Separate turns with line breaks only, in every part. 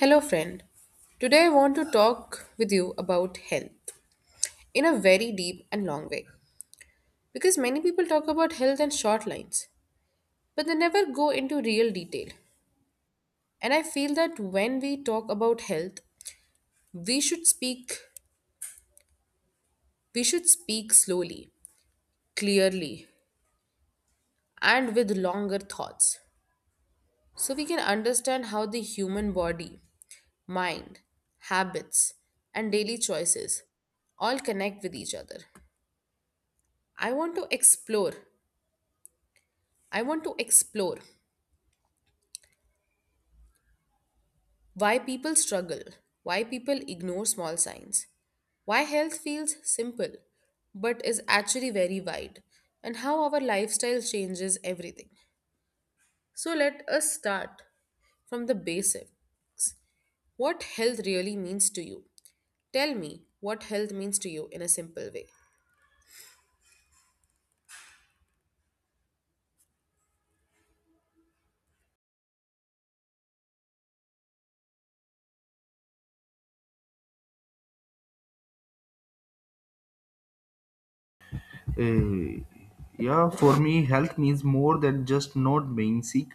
Hello, friend. Today I want to talk with you about health in a very deep and long way, because many people talk about health in short lines, but they never go into real detail. And I feel that when we talk about health, we should speak we should speak slowly, clearly, and with longer thoughts, so we can understand how the human body, mind, habits, and daily choices all connect with each other. I want to explore I want to explore why people struggle, why people ignore small signs, why health feels simple but is actually very wide, and how our lifestyle changes everything. So, let us start from the basics. What health really means to you? Tell me what health means to you in a simple way.
Uh, yeah, for me, health means more than just not being sick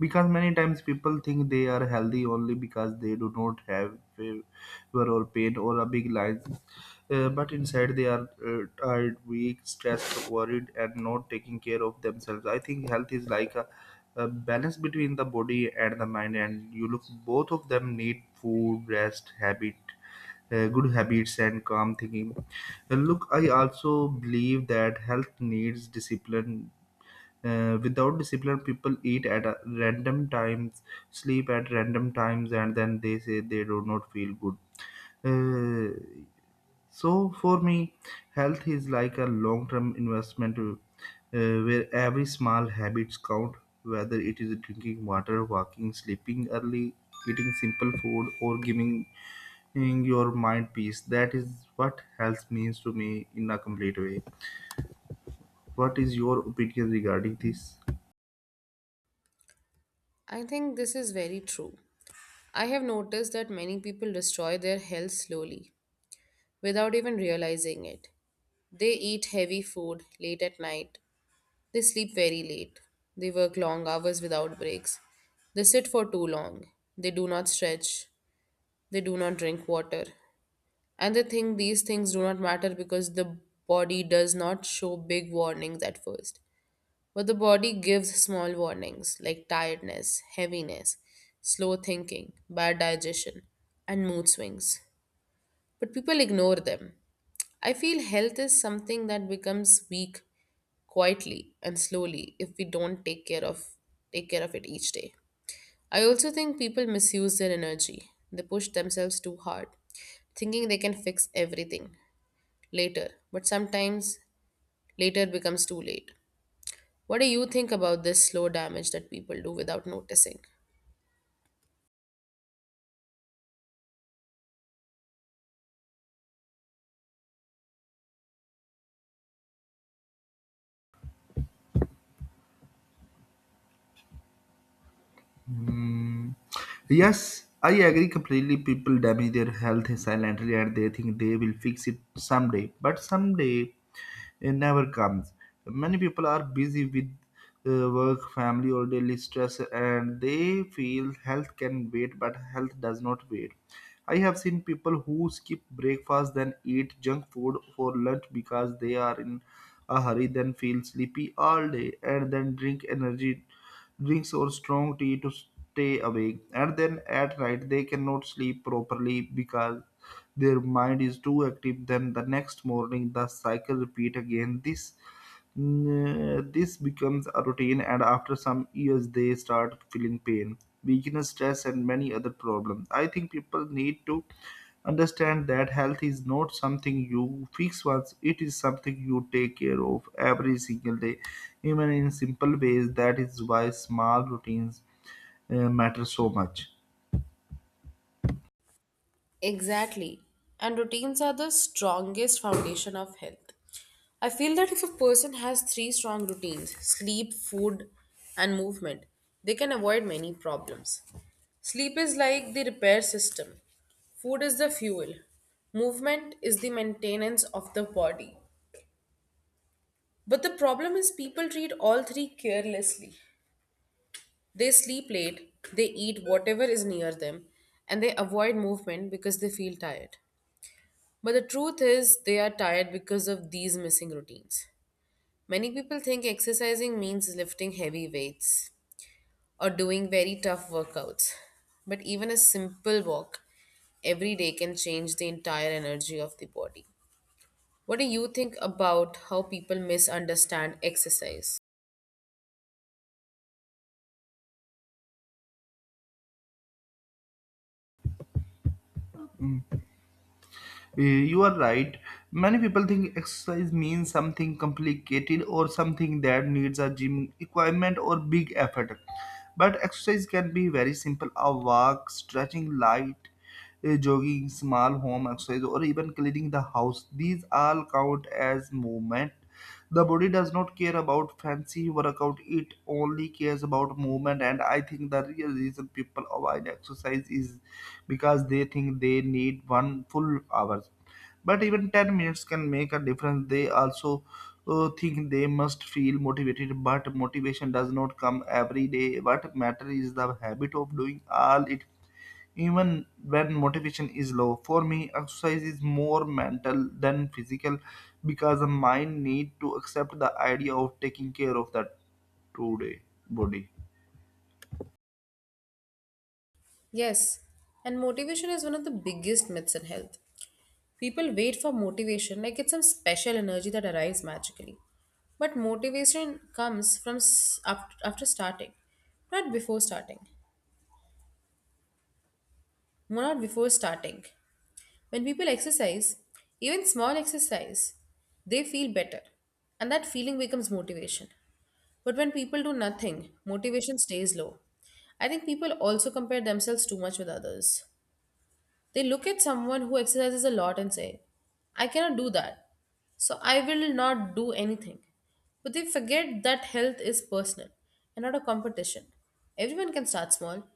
because many times people think they are healthy only because they do not have fever or pain or a big line. But inside they are tired, weak, stressed, worried, and not taking care of themselves. I think health is like a balance between the body and the mind, and you look both of them need food, rest, habit, good habits and calm thinking. Look, I also believe that health needs discipline. Without discipline, people eat at a random times, sleep at random times, and then they say they do not feel good. Uh, so for me, health is like a long-term investment, where every small habits count, whether it is drinking water, walking, sleeping early, eating simple food, or giving in your mind peace. That is what health means to me in a complete way. What is your opinion regarding this?
I think this is very true. I have noticed that many people destroy their health slowly without even realizing it. They eat heavy food late at night. They sleep very late. They work long hours without breaks. They sit for too long. They do not stretch. They do not drink water. And they think these things do not matter because the body does not show big warnings at first. But the body gives small warnings like tiredness, heaviness, slow thinking, bad digestion, and mood swings. But people ignore them. I feel health is something that becomes weak quietly and slowly if we don't take care of it each day. I also think people misuse their energy. They push themselves too hard, thinking they can fix everything later, but sometimes later becomes too late. What do you think about this slow damage that people do without noticing?
Hmm. Yes, I agree completely. People damage their health silently and they think they will fix it someday. But someday it never comes. Many people are busy with work, family, or daily stress, and they feel health can wait, but health does not wait. I have seen people who skip breakfast then eat junk food for lunch because they are in a hurry, then feel sleepy all day, and then drink energy drinks or strong tea to stay awake. And then at night, they cannot sleep properly because their mind is too active. Then the next morning, the cycle repeat again. This becomes a routine, and after some years, they start feeling pain, weakness, stress, and many other problems. I think people need to understand that health is not something you fix once, it is something you take care of every single day, even in simple ways. That is why small routines matter so much.
Exactly. And routines are the strongest foundation of health. I feel that if a person has three strong routines, sleep, food, and movement, they can avoid many problems. Sleep is like the repair system. Food is the fuel. Movement is the maintenance of the body. But the problem is, people treat all three carelessly. They sleep late, they eat whatever is near them, and they avoid movement because they feel tired. But the truth is, they are tired because of these missing routines. Many people think exercising means lifting heavy weights or doing very tough workouts. But even a simple walk every day can change the entire energy of the body. What do you think about how people misunderstand exercise?
You are right. Many people think exercise means something complicated or something that needs a gym equipment or big effort. But exercise can be very simple a walk, stretching light, jogging, small home exercise, or even cleaning the house. These all count as movement. The body does not care about fancy workout, it only cares about movement. And I think the real reason people avoid exercise is because they think they need one full hour but even 10 minutes can make a difference they also think they must feel motivated but motivation does not come every day what matters is the habit of doing all it even when motivation is low for me exercise is more mental than physical because the mind need to accept the idea of taking care of that today body.
Yes, and motivation is one of the biggest myths in health. People wait for motivation like it's some special energy that arrives magically. But motivation comes from after starting, not before starting. not before starting. When people exercise, even small exercise, they feel better. And that feeling becomes motivation. But when people do nothing, motivation stays low. I think people also compare themselves too much with others. They look at someone who exercises a lot and say, I cannot do that, so I will not do anything. But they forget that health is personal and not a competition. Everyone can start small.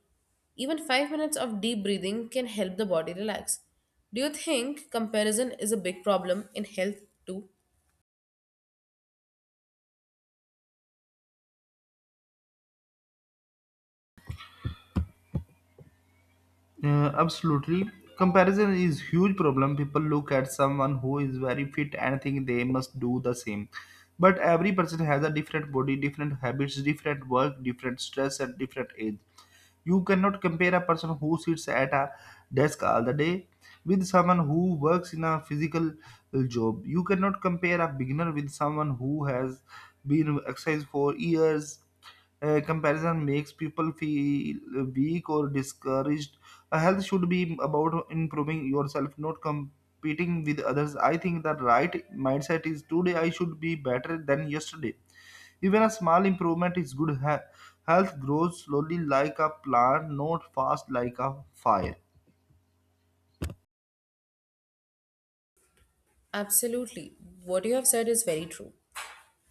Even 5 minutes of deep breathing can help the body relax. Do you think comparison is a big problem in health too?
Absolutely. Comparison is huge problem. People look at someone who is very fit and think they must do the same. But every person has a different body, different habits, different work, different stress at different age. You cannot compare a person who sits at a desk all the day with someone who works in a physical job. You cannot compare a beginner with someone who has been exercised for years. Comparison makes people feel weak or discouraged. Health should be about improving yourself, not competing with others. I think the right mindset is today I should be better than yesterday. Even a small improvement is good. Health grows slowly like a plant, not fast like a fire.
Absolutely. What you have said is very true.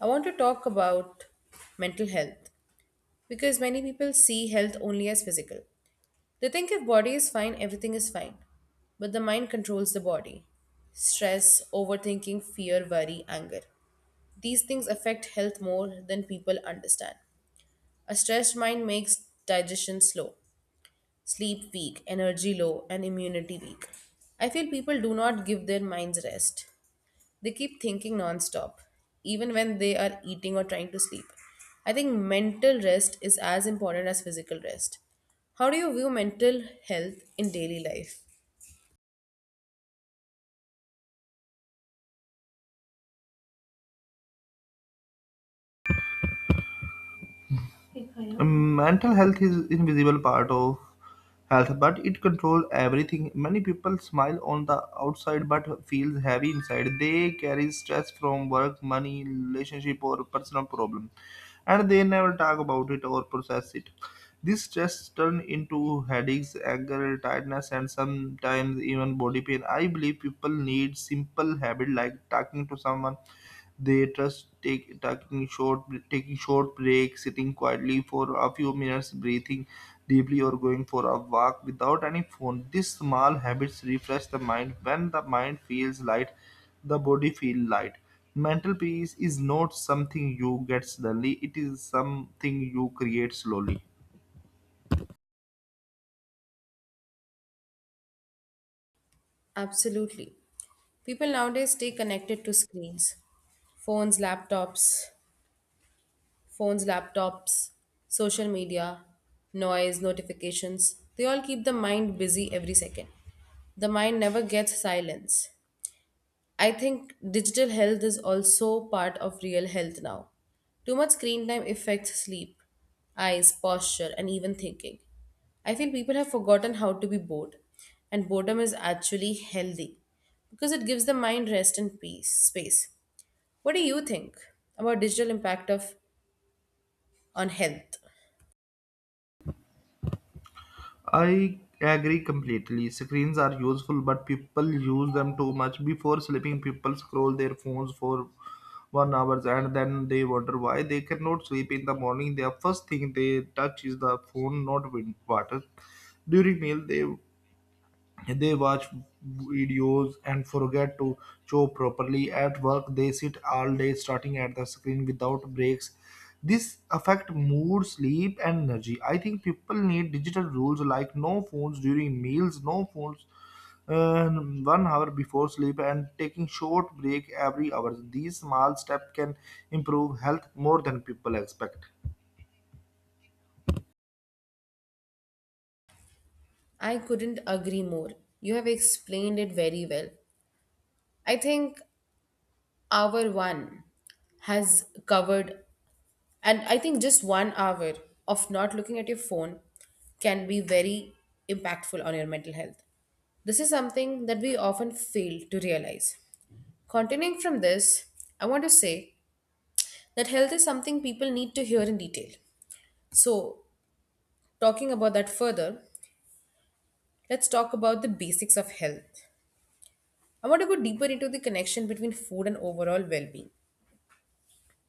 I want to talk about mental health because many people see health only as physical. They think if body is fine, everything is fine. But the mind controls the body. Stress, overthinking, fear, worry, anger. These things affect health more than people understand. A stressed mind makes digestion slow, sleep weak, energy low, and immunity weak. I feel people do not give their minds rest. They keep thinking nonstop, even when they are eating or trying to sleep. I think mental rest is as important as physical rest. How do you view mental health in daily life?
Mental health is invisible part of health, but it controls everything. Many people smile on the outside but feels heavy inside. They carry stress from work, money, relationship, or personal problem, and they never talk about it or process it. This stress turn into headaches, anger, tiredness, and sometimes even body pain. I believe people need simple habit like talking to someone they trust take, taking short breaks, sitting quietly for a few minutes, breathing deeply, or going for a walk without any phone. These small habits refresh the mind. When the mind feels light, the body feels light. Mental peace is not something you get suddenly; it is something you create slowly.
Absolutely. People nowadays stay connected to screens, phones, laptops, phones, laptops, social media, noise, notifications. They all keep the mind busy every second. The mind never gets silence. I think digital health is also part of real health now. Too much screen time affects sleep, eyes, posture, and even thinking. I feel people have forgotten how to be bored, and boredom is actually healthy because it gives the mind rest and peace space. What do you think about digital impact of on health?
I agree completely. Screens are useful, but people use them too much. Before sleeping, people scroll their phones for 1 hour and then they wonder why they cannot sleep in the morning. Their first thing they touch is the phone, not water. During meal, they watch videos and forget to chew properly. At work, they sit all day starting at the screen without breaks. This affect mood, sleep, and energy. I think people need digital rules like no phones during meals, no phones 1 hour before sleep, and taking short break every hour. These small steps can improve health more than people expect.
I couldn't agree more. You have explained it very well. I think our one has covered. And I think just 1 hour of not looking at your phone can be very impactful on your mental health. This is something that we often fail to realize. Continuing from this, I want to say that health is something people need to hear in detail. So, talking about that further, let's talk about the basics of health. I want to go deeper into the connection between food and overall well being,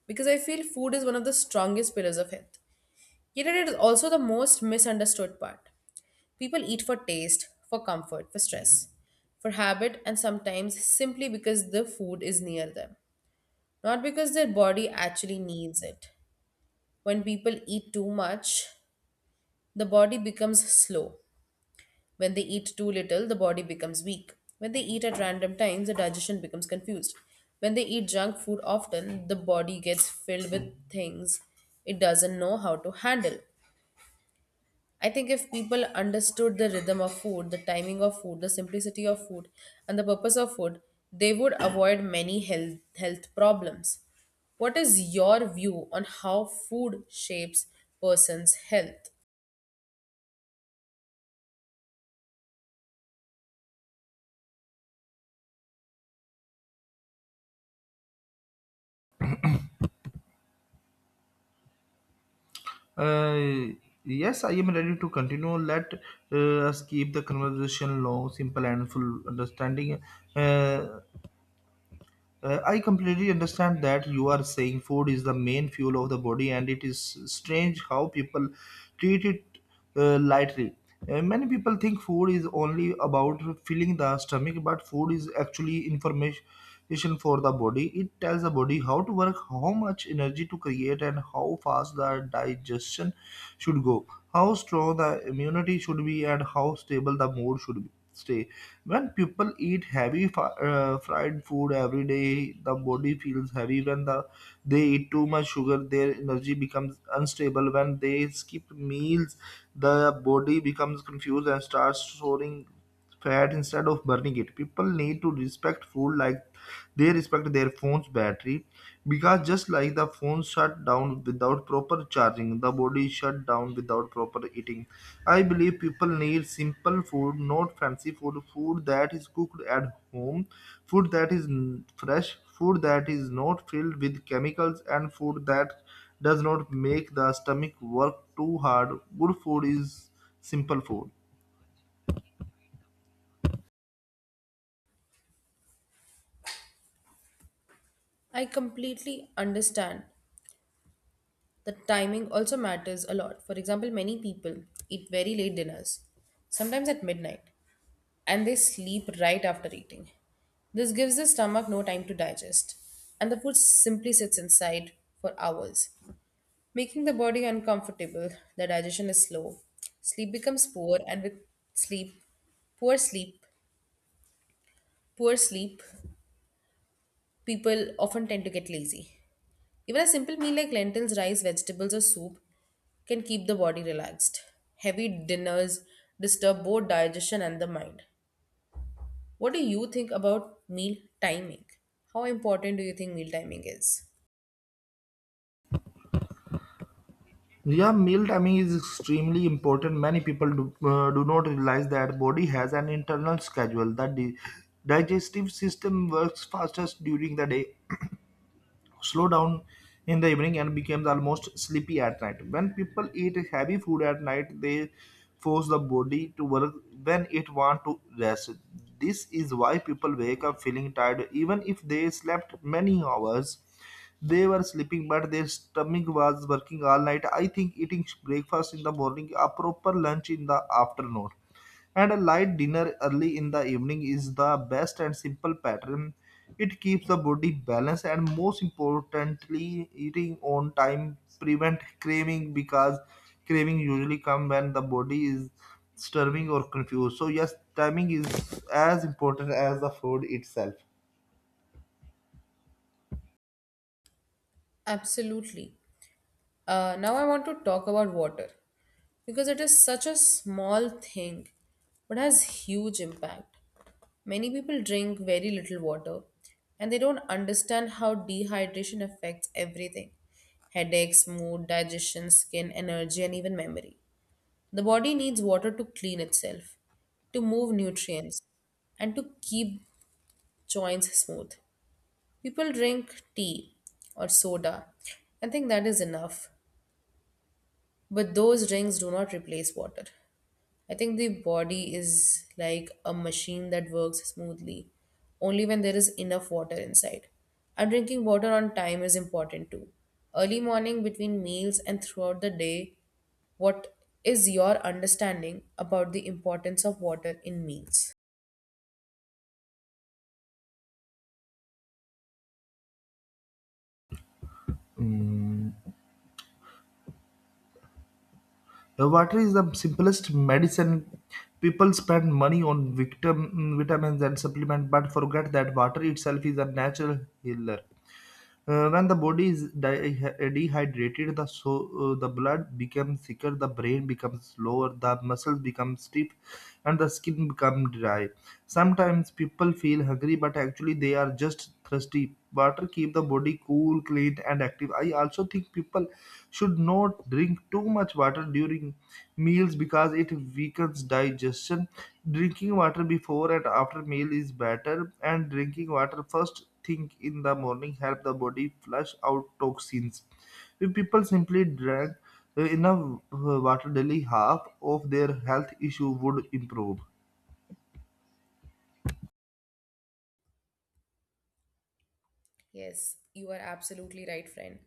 because I feel food is one of the strongest pillars of health. Yet, it is also the most misunderstood part. People eat for taste, for comfort, for stress, for habit, and sometimes simply because the food is near them, not because their body actually needs it. When people eat too much, the body becomes slow. When they eat too little, the body becomes weak. When they eat at random times, the digestion becomes confused. When they eat junk food often, the body gets filled with things it doesn't know how to handle. I think if people understood the rhythm of food, the timing of food, the simplicity of food, and the purpose of food, they would avoid many health problems. What is your view on how food shapes person's health?
Uh, yes, I am ready to continue. Let us keep the conversation long, simple, and full understanding. Uh, I completely understand that you are saying food is the main fuel of the body, and it is strange how people treat it lightly. Many people think food is only about filling the stomach, but food is actually information for the body. It tells the body how to work, how much energy to create, and how fast the digestion should go, how strong the immunity should be, and how stable the mood should be stay. When people eat heavy fried food every day, the body feels heavy. When the they eat too much sugar, their energy becomes unstable. When they skip meals, the body becomes confused and starts storing fat instead of burning it. People need to respect food like they respect their phone's battery because just like the phone shut down without proper charging, the body shut down without proper eating. I believe people need simple food, not fancy food, food that is cooked at home, food that is fresh, food that is not filled with chemicals, and food that does not make the stomach work too hard. Good food is simple food.
I completely understand that timing also matters a lot. For example, many people eat very late dinners, sometimes at midnight, and they sleep right after eating. This gives the stomach no time to digest, and the food simply sits inside for hours, making the body uncomfortable. The digestion is slow, sleep becomes poor, and with sleep, poor sleep, poor sleep, people often tend to get lazy. Even a simple meal like lentils, rice, vegetables, or soup can keep the body relaxed. Heavy dinners disturb both digestion and the mind. What do you think about meal timing? How important do you think meal timing is?
Yeah, meal timing is extremely important. Many people do not realize that body has an internal schedule. The digestive system works fastest during the day slow down in the evening and becomes almost sleepy at night. When people eat heavy food at night, they force the body to work when it wants to rest. This is why people wake up feeling tired even if they slept many hours. They were sleeping, but their stomach was working all night. I think eating breakfast in the morning, a proper lunch in the afternoon and a light dinner early in the evening is the best and simple pattern. It keeps the body balanced and most importantly, eating on time prevent craving because craving usually come when the body is starving or confused. So yes, timing is as important as the food itself.
Absolutely. Now I want to talk about water because it is such a small thing but has huge impact. Many people drink very little water and they don't understand how dehydration affects everything, headaches, mood, digestion, skin, energy, and even memory. The body needs water to clean itself, to move nutrients, and to keep joints smooth. People drink tea or soda and think that is enough, but those drinks do not replace water. I think the body is like a machine that works smoothly only when there is enough water inside. And drinking water on time is important too. Early morning, between meals, and throughout the day, what is your understanding about the importance of water in meals?
Mm. Water is the simplest medicine. People spend money on victim, vitamins and supplements, but forget that water itself is a natural healer. When the body is dehydrated, the the blood becomes thicker, the brain becomes slower, the muscles become stiff, and the skin become dry. Sometimes people feel hungry, but actually they are just thirsty. Water keep the body cool, clean, and active. I also think people should not drink too much water during meals because it weakens digestion. Drinking water before and after meal is better, and drinking water first think in the morning help the body flush out toxins. If people simply drank enough water daily, half of their health issue would improve.
Yes, you are absolutely right, friend.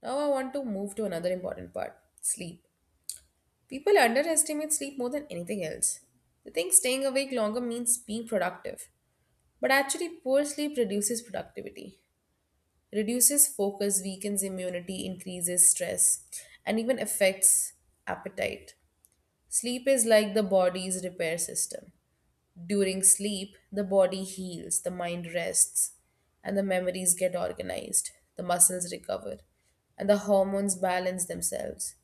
Now I want to move to another important part, sleep. People underestimate sleep more than anything else. They think staying awake longer means being productive. But actually, poor sleep reduces productivity, reduces focus, weakens immunity, increases stress, and even affects appetite. Sleep is like the body's repair system. During sleep, the body heals, the mind rests, and the memories get organized, the muscles recover, and the hormones balance themselves.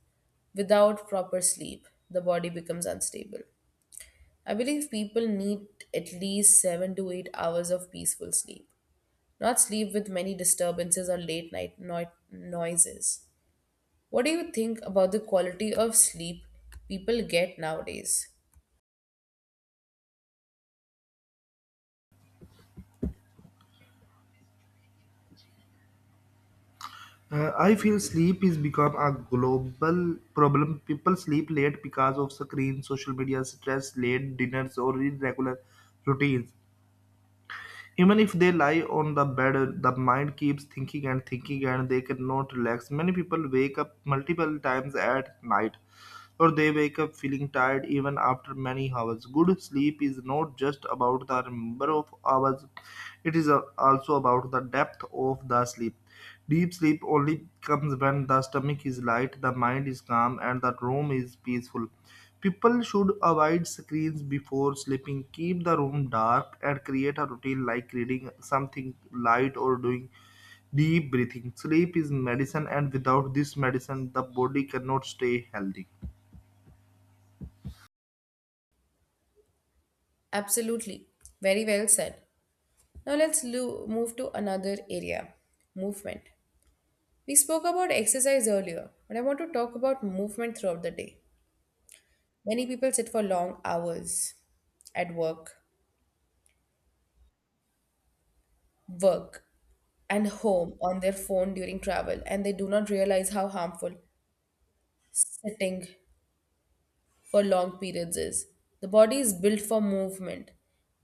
Without proper sleep, the body becomes unstable. I believe people need at least 7 to 8 hours of peaceful sleep, not sleep with many disturbances or late night noises. What do you think about the quality of sleep people get nowadays?
I feel sleep is become a global problem. People sleep late because of screen, social media, stress, late dinners, or irregular routines. Even if they lie on the bed, the mind keeps thinking and thinking and they cannot relax. Many people wake up multiple times at night or they wake up feeling tired even after many hours. Good sleep is not just about the number of hours, it is also about the depth of the sleep. Deep sleep only comes when the stomach is light, the mind is calm, and the room is peaceful. People should avoid screens before sleeping, keep the room dark, and create a routine like reading something light or doing deep breathing. Sleep is medicine, and without this medicine, the body cannot stay healthy.
Absolutely. Very well said. Now let's move to another area, movement. We spoke about exercise earlier, but I want to talk about movement throughout the day. Many people sit for long hours at work, and home on their phone during travel, and they do not realize how harmful sitting for long periods is. The body is built for movement.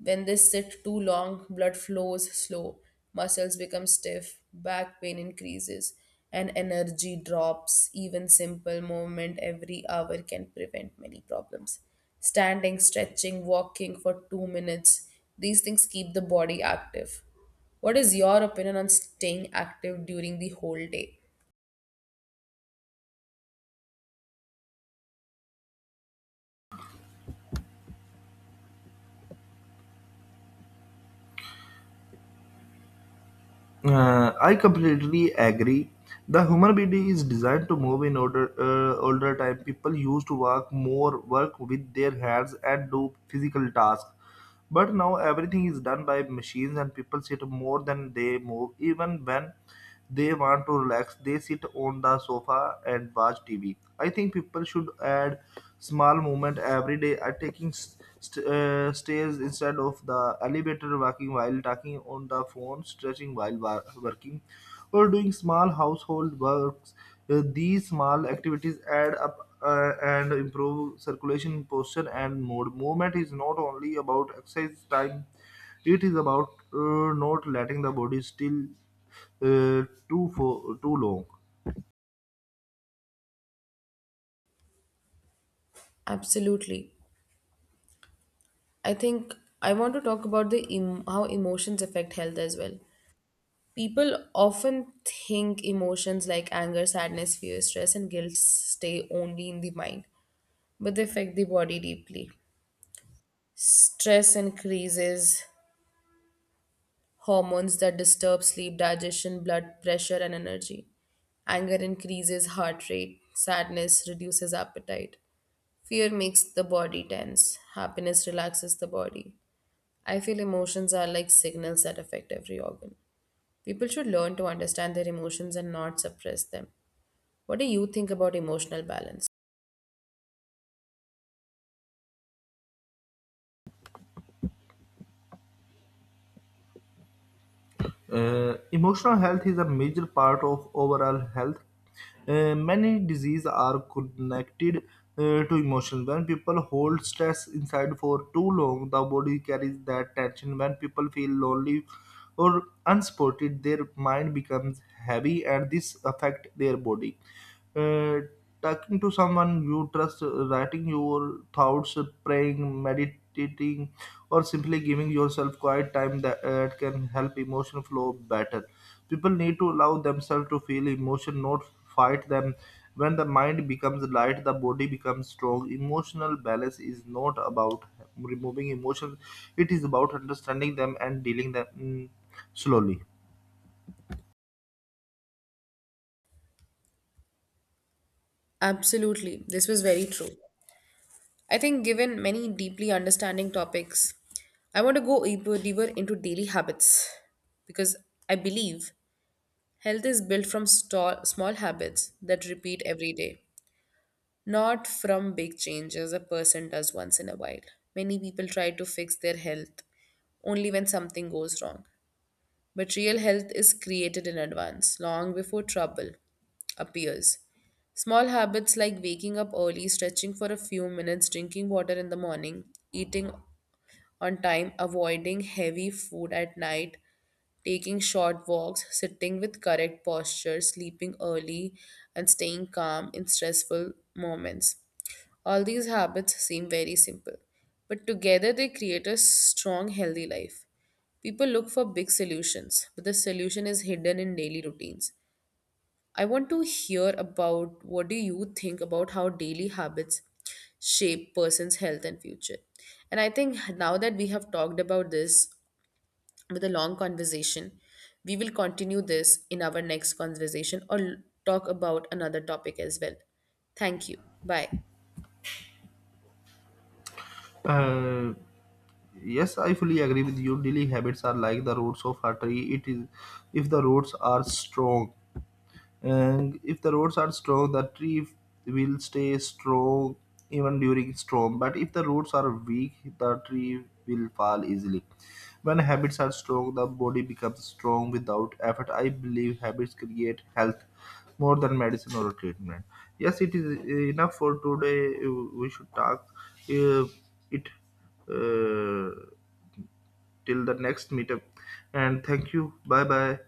When they sit too long, blood flows slow, muscles become stiff, back pain increases, and energy drops. Even simple movement every hour can prevent many problems. Standing, stretching, walking for 2 minutes, these things keep the body active. What is your opinion on staying active during the whole day?
I completely agree. The human body is designed to move in order. Older time, people used to work more, work with their hands, and do physical tasks. But now everything is done by machines, and people sit more than they move, even when they want to relax they sit on the sofa and watch tv I think people should add small movement every day are taking stairs instead of the elevator walking while talking on the phone stretching while working or doing small household works. These small activities add up and improve circulation posture and mood movement is not only about exercise time it is about not letting the body still uh, too for too long.
Absolutely. I think I want to talk about how emotions affect health as well. People often think emotions like anger, sadness, fear, stress, and guilt stay only in the mind, but they affect the body deeply. Stress increases hormones that disturb sleep, digestion, blood pressure, and energy. Anger increases heart rate. Sadness reduces appetite. Fear makes the body tense. Happiness relaxes the body. I feel emotions are like signals that affect every organ. People should learn to understand their emotions and not suppress them. What do you think about emotional balance?
Emotional health is a major part of overall health. Many diseases are connected to emotion. When people hold stress inside for too long, the body carries that tension. When people feel lonely or unsupported, their mind becomes heavy, and this affects their body. uh, talking to someone you trust, writing your thoughts, praying, meditating, or simply giving yourself quiet time that can help emotion flow better. People need to allow themselves to feel emotion, not fight them. When the mind becomes light, the body becomes strong. Emotional balance is not about removing emotions; it is about understanding them and dealing them slowly.
Absolutely. This was very true. I think, given many deeply understanding topics, I want to go deeper into daily habits because I believe health is built from small habits that repeat every day, not from big changes a person does once in a while. Many people try to fix their health only when something goes wrong. But real health is created in advance, long before trouble appears. Small habits like waking up early, stretching for a few minutes, drinking water in the morning, eating on time, avoiding heavy food at night, taking short walks, sitting with correct posture, sleeping early, and staying calm in stressful moments. All these habits seem very simple, but together they create a strong, healthy life. People look for big solutions, but the solution is hidden in daily routines. I want to hear about what do you think about how daily habits shape person's health and future. And I think now that we have talked about this, with a long conversation, we will continue this in our next conversation or talk about another topic as well. Thank you. Bye.
Uh, yes, I fully agree with you. Daily habits are like the roots of a tree. It is if the roots are strong, and if the roots are strong, the tree will stay strong even during storm. But if the roots are weak, the tree will fall easily. When habits are strong, the body becomes strong without effort. I believe habits create health more than medicine or treatment. Yes, it is enough for today. We should talk uh, it uh, till the next meetup. And thank you. Bye bye.